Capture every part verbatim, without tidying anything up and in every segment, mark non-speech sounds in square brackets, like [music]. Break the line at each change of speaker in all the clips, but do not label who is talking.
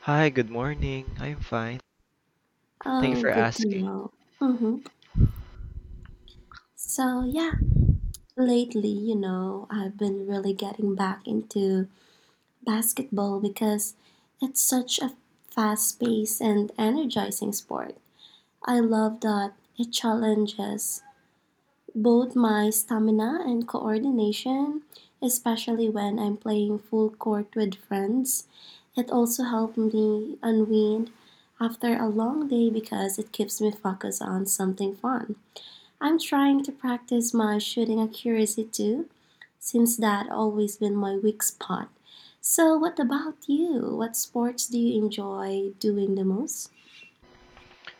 Hi, good morning. I'm fine. Thank you for asking.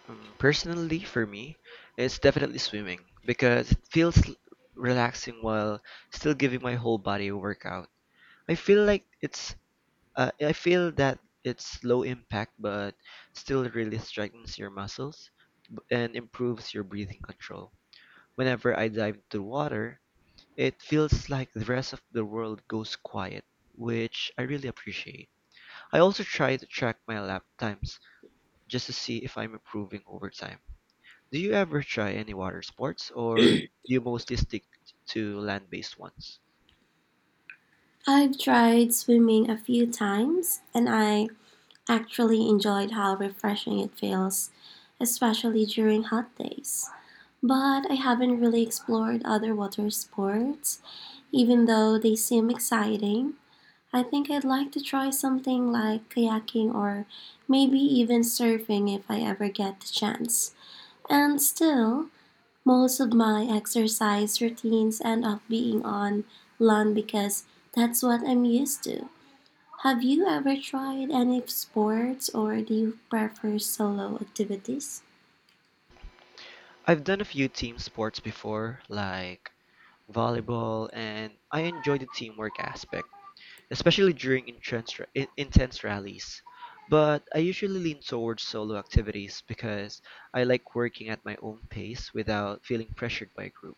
Um, personally, for me, it's definitely swimming because it feels l- relaxing while still giving my whole body a workout. I feel like it's, uh, I feel that it's low impact but still really strengthens your muscles and improves your breathing control. Whenever I dive into water, it feels like the rest of the world goes quiet, which I really appreciate. I also try to track my lap times just to see if I'm improving over time. Do you ever try any water sports, or do you mostly stick to land-based ones? I've done a few team sports before, like volleyball, and I enjoy the teamwork aspect, especially during intense, in- intense rallies. But I usually lean towards solo activities because I like working at my own pace without feeling pressured by a group.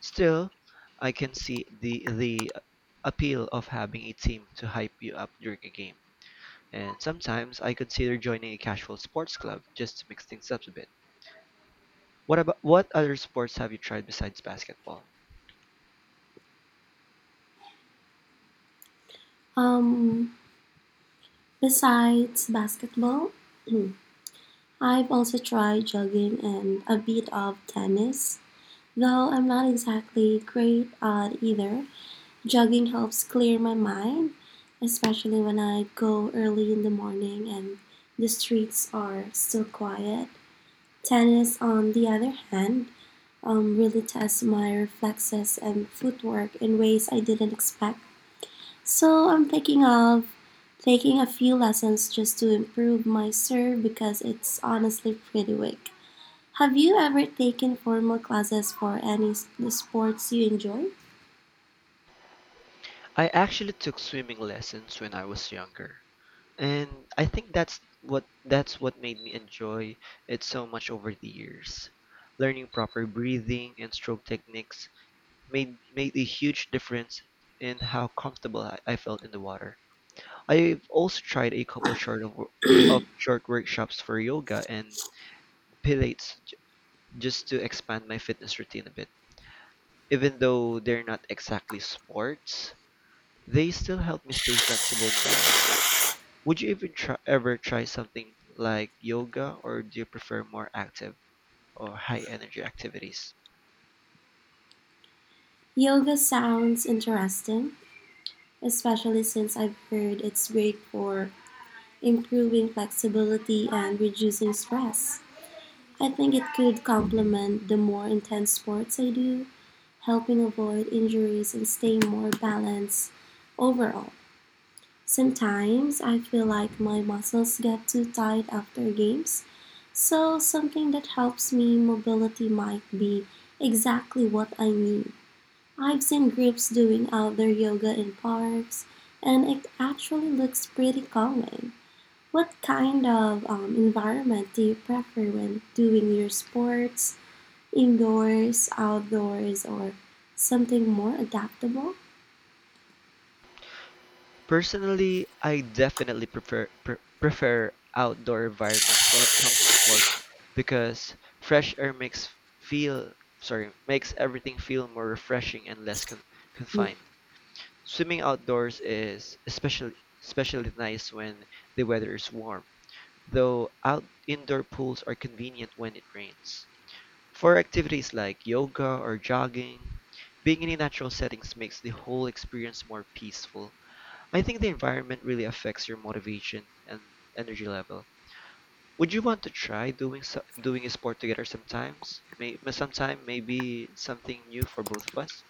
Still, I can see the the appeal of having a team to hype you up during a game. And sometimes I consider joining a casual sports club just to mix things up a bit. What about what other sports have you tried besides basketball? I actually took swimming lessons when I was younger, and I think that's what that's what made me enjoy it so much over the years. Learning proper breathing and stroke techniques made made a huge difference in how comfortable I, I felt in the water. I've also tried a couple short of, of short workshops for yoga and pilates j- just to expand my fitness routine a bit. Even though they're not exactly sports, they still help me stay flexible and balanced. Would you even try, ever try something like yoga, or do you prefer more active or high energy activities? Personally, I definitely prefer pre- prefer outdoor environments when it comes to sport, because fresh air makes feel sorry makes everything feel more refreshing and less con- confined. Swimming outdoors is especially especially nice when the weather is warm, though out indoor pools are convenient when it rains. For activities like yoga or jogging, being in a natural settings makes the whole experience more peaceful. I think the environment really affects your motivation and energy level. Would you want to try doing so, doing a sport together sometimes? May, sometime maybe something new for both of us.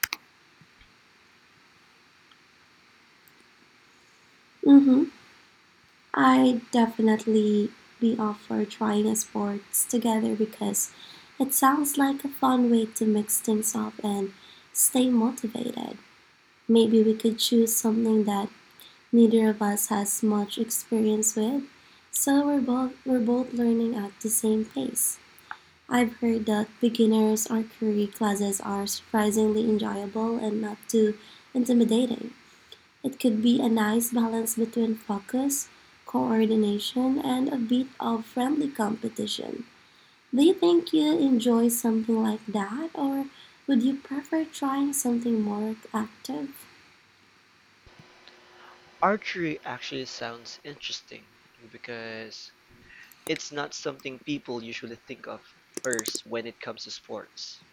Archery actually sounds interesting because it's not something people usually think of first when it comes to sports.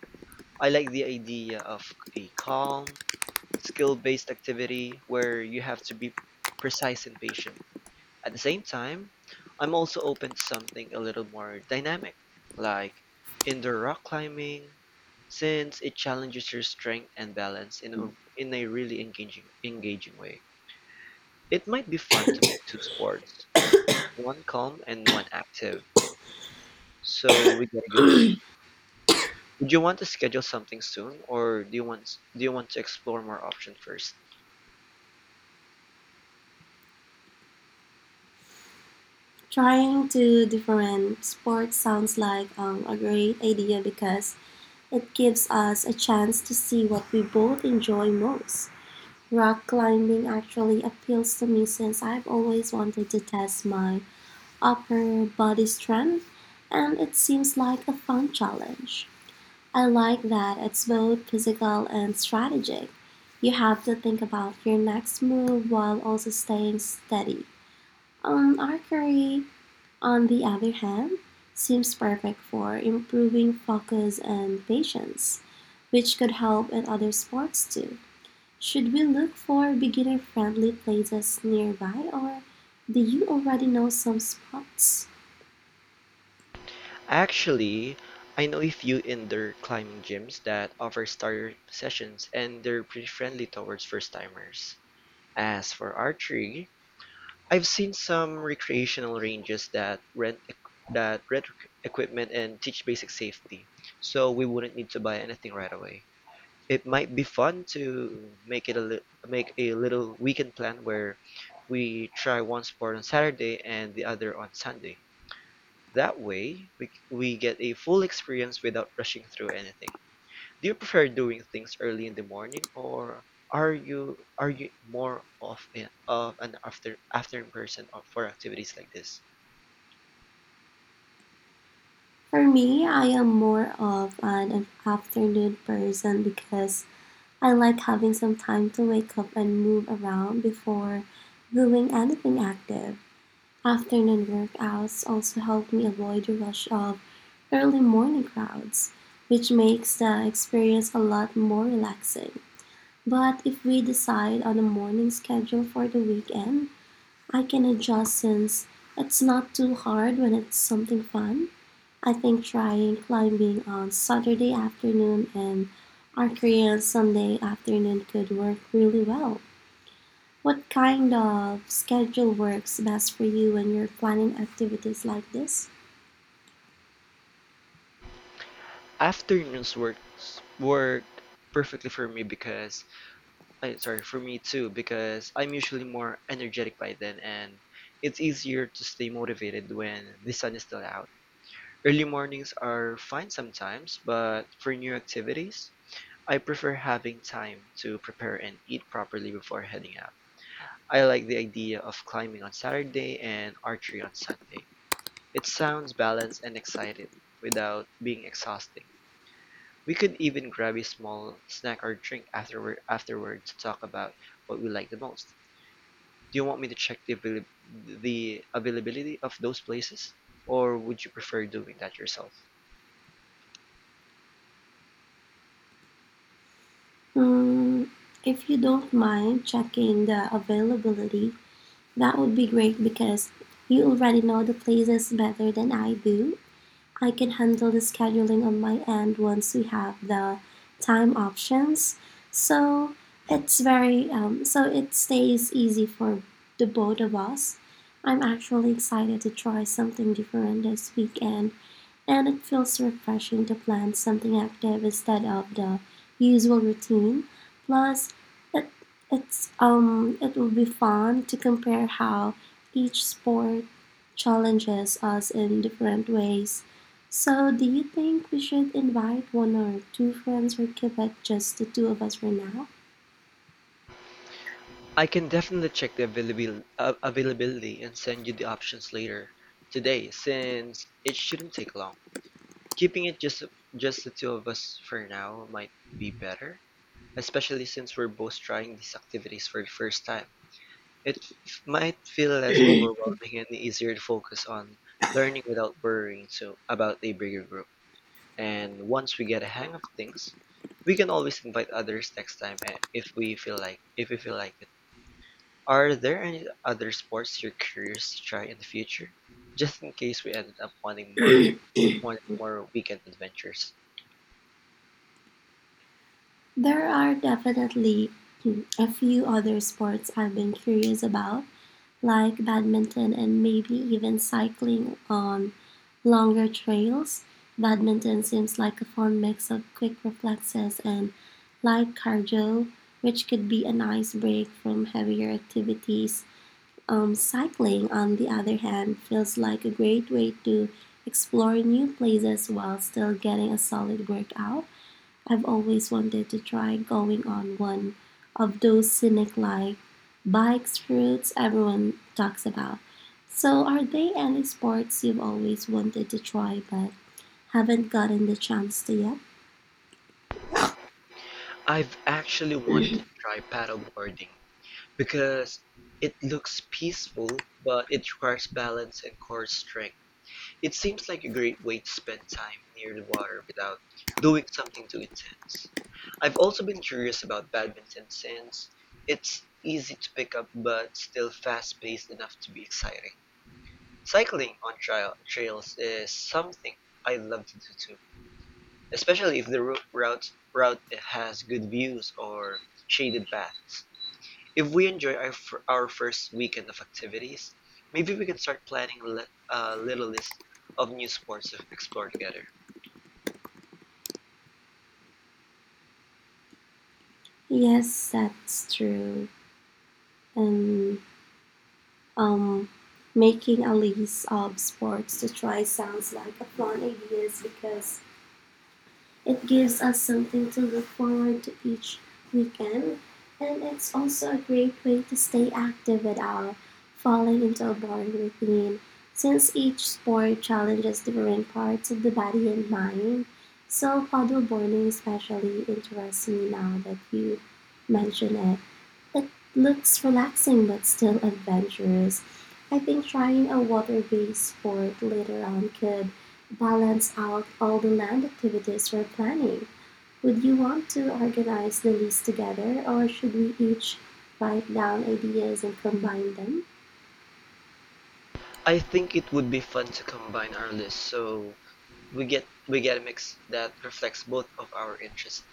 I like the idea of a calm, skill-based activity where you have to be precise and patient. At the same time, I'm also open to something a little more dynamic, like indoor rock climbing, since it challenges your strength and balance in a, in a really engaging engaging way. It might be fun to pick two sports, one calm and one active, so we get a good mix. Would you want to schedule something soon, or do you want do you want to explore more options first? Actually, I know a few indoor climbing gyms that offer starter sessions, and they're pretty friendly towards first timers. As for archery, I've seen some recreational ranges that rent eq- that rent equ- equipment and teach basic safety. So we wouldn't need to buy anything right away. It might be fun to make it a li- make a little weekend plan where we try one sport on Saturday and the other on Sunday. That way, we, we get a full experience without rushing through anything. Do you prefer doing things early in the morning, or are you are you more of a, of an after afternoon person for activities like this? Afternoons work work perfectly for me because I sorry for me too because I'm usually more energetic by then, and it's easier to stay motivated when the sun is still out. Early mornings are fine sometimes, but for new activities, I prefer having time to prepare and eat properly before heading out. I like the idea of climbing on Saturday and archery on Sunday. It sounds balanced and exciting without being exhausting. We could even grab a small snack or drink afterward afterward to talk about what we like the most. Do you want me to check the avail- the availability of those places, or would you prefer doing that yourself? I can definitely check the availabil- uh, availability and send you the options later today, since it shouldn't take long. Keeping it just just the two of us for now might be better, especially since we're both trying these activities for the first time. It f- might feel less overwhelming and easier to focus on learning without worrying so about a bigger group. And once we get a hang of things, we can always invite others next time, eh, if we feel like if we feel like it. Are there any other sports you're curious to try in the future? Just in case we ended up wanting more wanting more weekend adventures. I've actually wanted to try paddleboarding because it looks peaceful, but it requires balance and core strength. It seems like a great way to spend time near the water without doing something too intense. I've also been curious about badminton since it's easy to pick up but still fast-paced enough to be exciting. Cycling on trail trails is something I love to do too, especially if the rou- route route has good views or shaded paths. If we enjoy our, fir- our first weekend of activities, maybe we can start planning li- a little list of new sports to explore together. I think it would be fun to combine our list, so we get we get a mix that reflects both of our interests.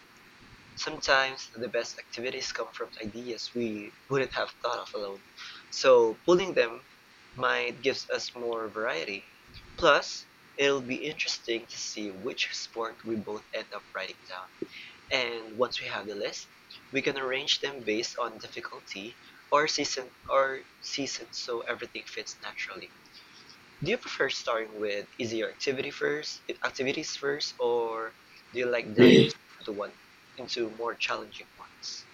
Sometimes the best activities come from ideas we wouldn't have thought of alone, so pooling them might gives us more variety. Plus, it'll be interesting to see which sport we both end up writing down. And once we have the list, we can arrange them based on difficulty or season or season so everything fits naturally. Do you prefer starting with easier activity first, activities first, or do you like diving
Hey,
straight into one into more challenging ones?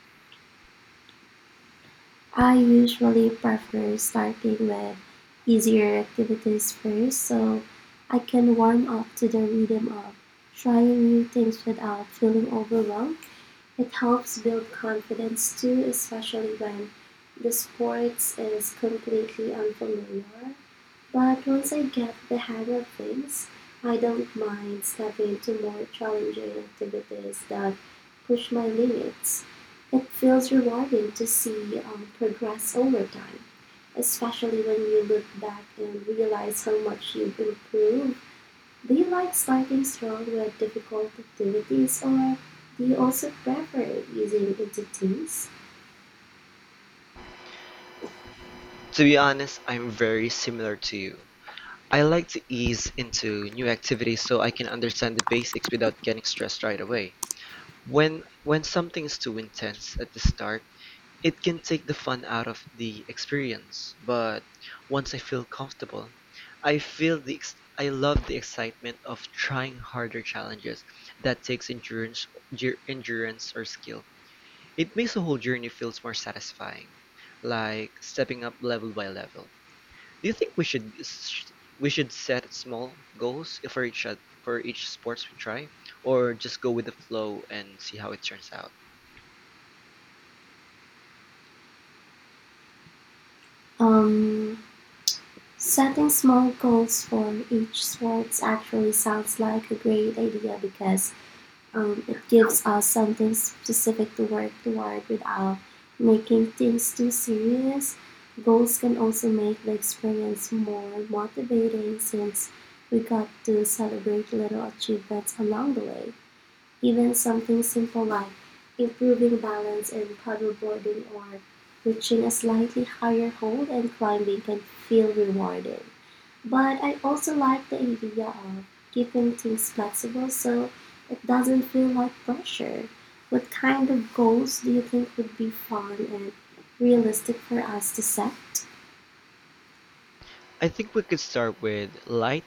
To be honest, I'm very similar to you. I like to ease into new activities so I can understand the basics without getting stressed right away. When when something is too intense at the start, it can take the fun out of the experience, but once I feel comfortable, I feel the ex- I love the excitement of trying harder challenges that takes endurance, ger- endurance or skill. It makes the whole journey feels more satisfying, like stepping up level by level. Do you think we should s- we should set small goals for each oth- for each sports we try, or just go with the flow and see how it turns out? I think we could start with light,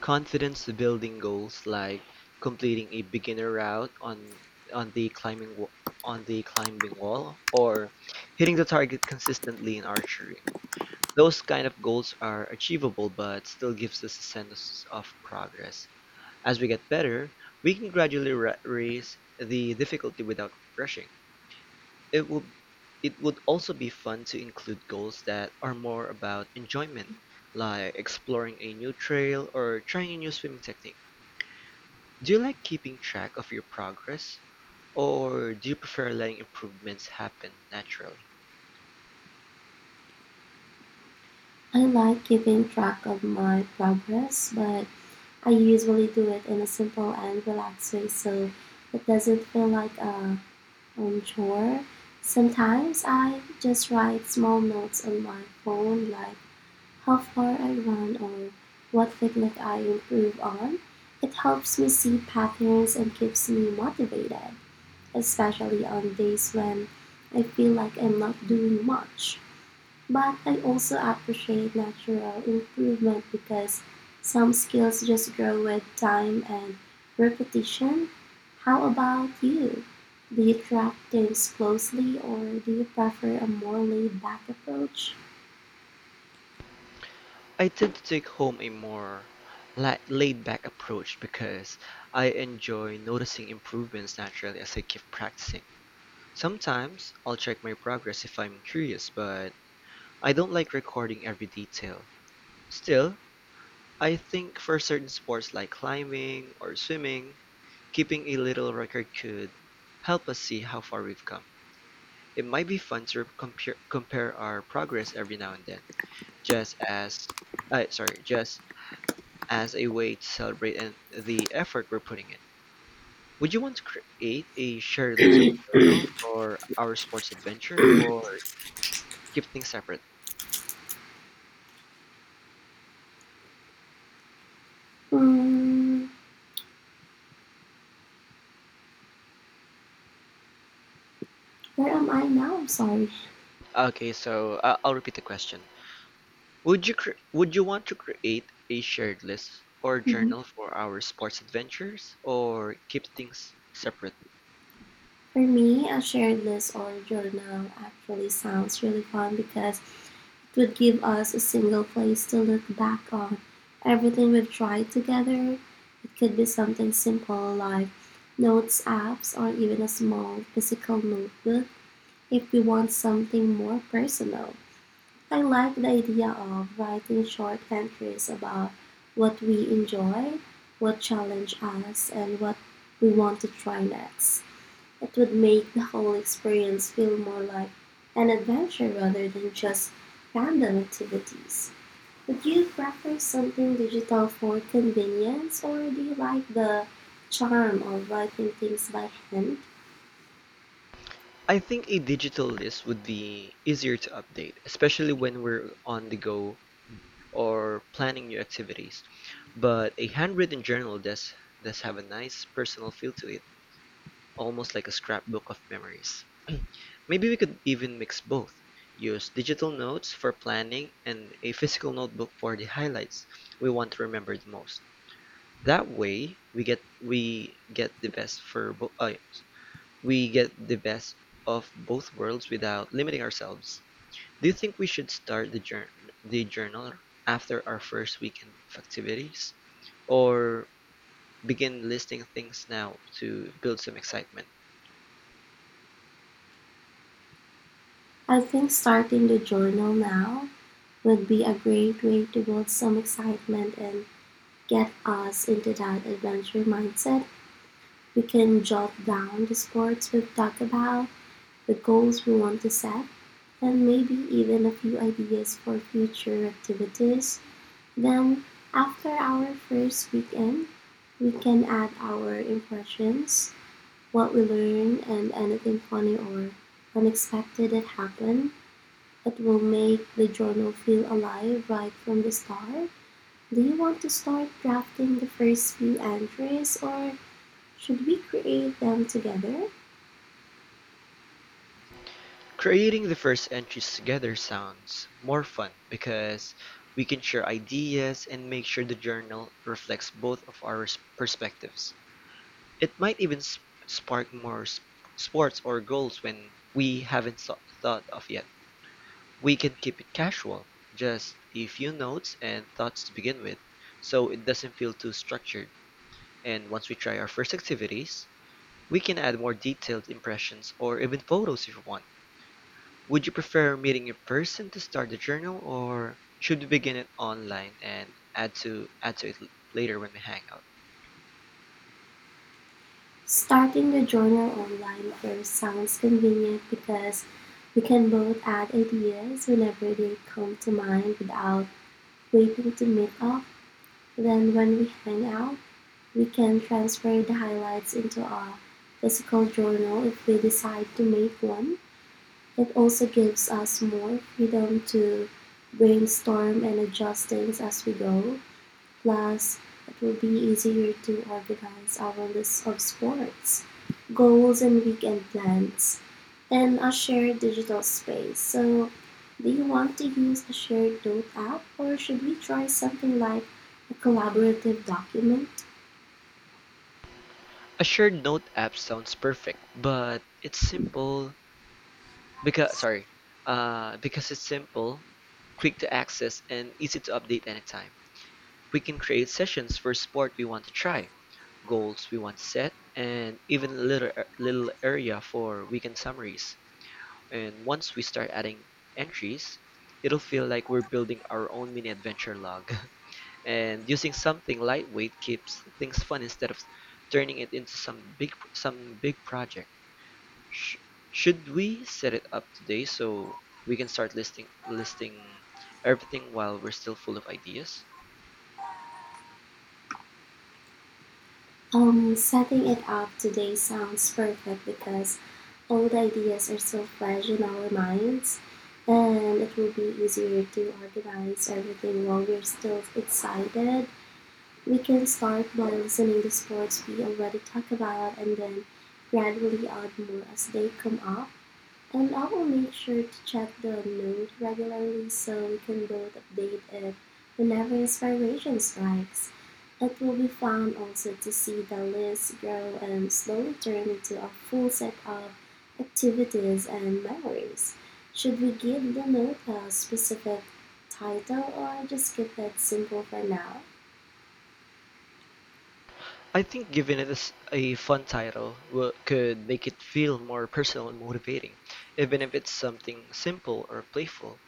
confidence building goals like completing a beginner route on on the climbing wa- on the climbing wall, or hitting the target consistently in archery. Those kind of goals are achievable but still gives us a sense of progress. As we get better, we can gradually ra- raise the difficulty without rushing. It would it would also be fun to include goals that are more about enjoyment, like exploring a new trail or trying a new swimming technique. Do you like keeping track of your progress, or do you prefer letting improvements happen naturally? I tend to take home a more la- laid-back approach because I enjoy noticing improvements naturally as I keep practicing. Sometimes I'll check my progress if I'm curious, but I don't like recording every detail. Still, I think for certain sports like climbing or swimming, keeping a little record could help us see how far we've come. It might be fun to compare compare our progress every now and then, just as uh, sorry, just as a way to celebrate and the effort we're putting in. Would you want to create a shared list of
hey, hey,
journal for our sports adventure, or keep things separate? Okay, so uh, I'll repeat the question. Would you cre- would you want to create a shared list or journal for our sports adventures, or keep things separate? I think a digital list would be easier to update, especially when we're on the go or planning new activities. But a handwritten journal does does have a nice personal feel to it, almost like a scrapbook of memories. [clears throat] Maybe we could even mix both. Use digital notes for planning and a physical notebook for the highlights we want to remember the most. That way, we get we get the best for bo- uh, we get the best of both worlds without limiting ourselves. Do you think we should start the jour- the journal after our first weekend of activities, or begin listing things now to build some excitement? Creating the first entries together sounds more fun because we can share ideas and make sure the journal reflects both of our s- perspectives. It might even sp- spark more s- sports or goals when we haven't so- thought of yet. We can keep it casual, just a few notes and thoughts to begin with, so it doesn't feel too structured. And once we try our first activities, we can add more detailed impressions or even photos if we want. Would you prefer meeting in person to start the journal, or should we begin it online and add to add to it l- later when we hang out? A shared note app sounds perfect, but it's simple because sorry, uh, because it's simple, quick to access, and easy to update anytime. We can create sessions for sport we want to try, goals we want to set, and even a little er, little area for weekend summaries. And once we start adding entries, it'll feel like we're building our own mini adventure log. [laughs] And using something lightweight keeps things fun instead of turning it into some big some big project. Sh- should we set it up today so we can start listing listing everything while we're still full of ideas? I think giving it a s- a fun title wo- could make it feel more personal and motivating, even if it's something simple or playful.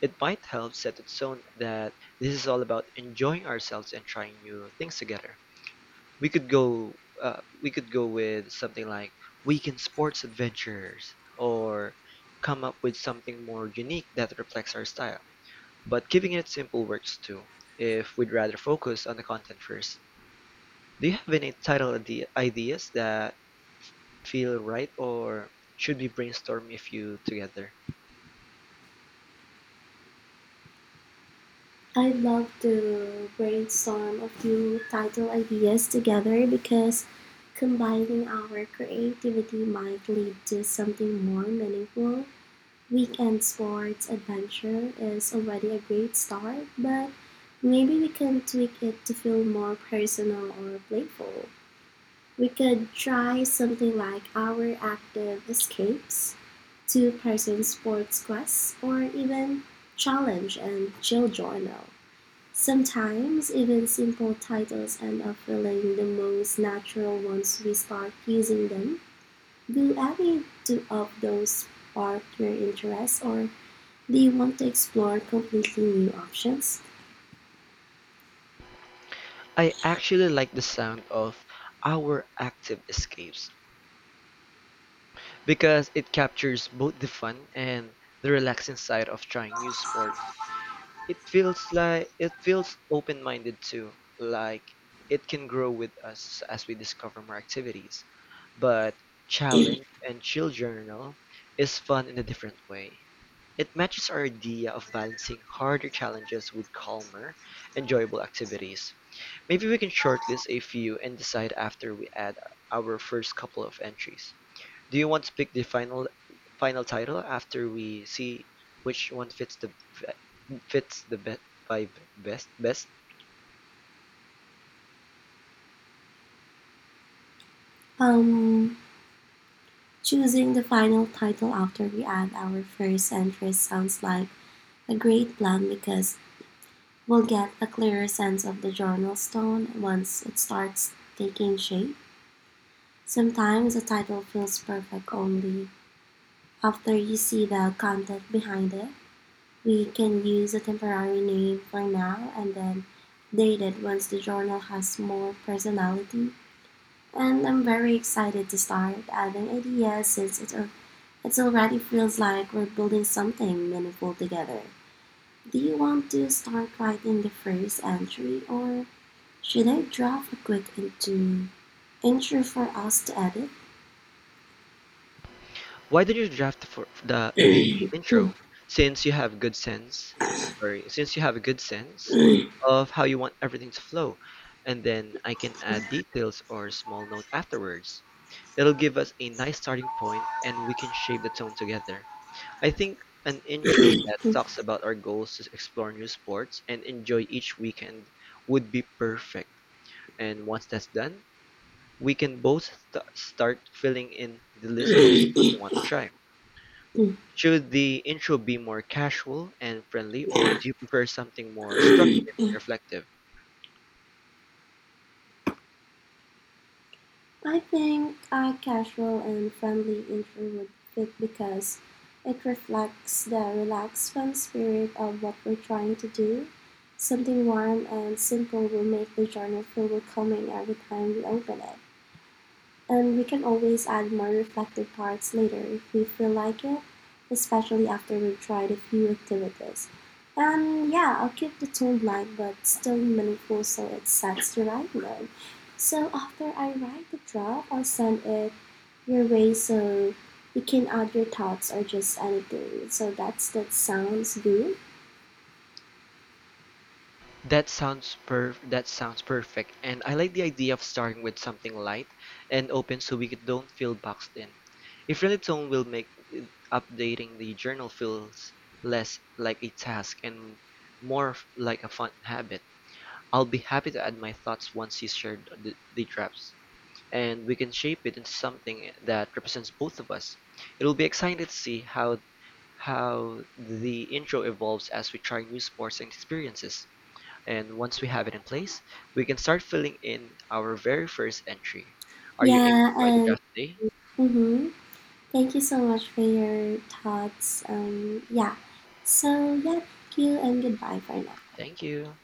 It might help set its tone that this is all about enjoying ourselves and trying new things together. We could go uh, we could go with something like weekend sports adventures, or come up with something more unique that reflects our style. But keeping it simple works too, if we'd rather focus on the content first. Do you have any title ide- ideas that feel right, or should we brainstorm a few together? I actually like the sound of our active escapes because it captures both the fun and the relaxing side of trying new sports. It feels like it feels open-minded too, like it can grow with us as we discover more activities. But
hey,
challenge and chill journal is fun in a different way. It matches our idea of balancing harder challenges with calmer, enjoyable activities. Maybe we can shortlist a few and decide after we add our first couple of entries. Do you want to pick the final final title after we see which one fits the fits the be- vibe best best? Why don't you draft for the the
hey,
intro since you have good sense sorry since you have a good sense
hey,
of how you want everything to flow, and then I can add details or small note afterwards. It'll give us a nice starting point, and we can shape the tone together. I think an intro
hey,
that talks about our goals to explore new sports and enjoy each weekend would be perfect. And once that's done, we can both st- start filling in the list of
hey,
sports we
hey.
want to try. Should the intro be more casual and friendly, or do you prefer something more
Hey.
structured and reflective? That sounds per that sounds perfect. And I like the idea of starting with something light and open so we don't feel boxed in. A friendly tone will make uh, updating the journal feels less like a task and more f- like a fun habit. I'll be happy to add my thoughts once you share the, the drafts, and we can shape it into something that represents both of us. It'll be exciting to see how how the intro evolves as we try new sports and experiences. And once we have it in place, we can start filling in our very first entry. Are you aiming to write the draft today? Thank you.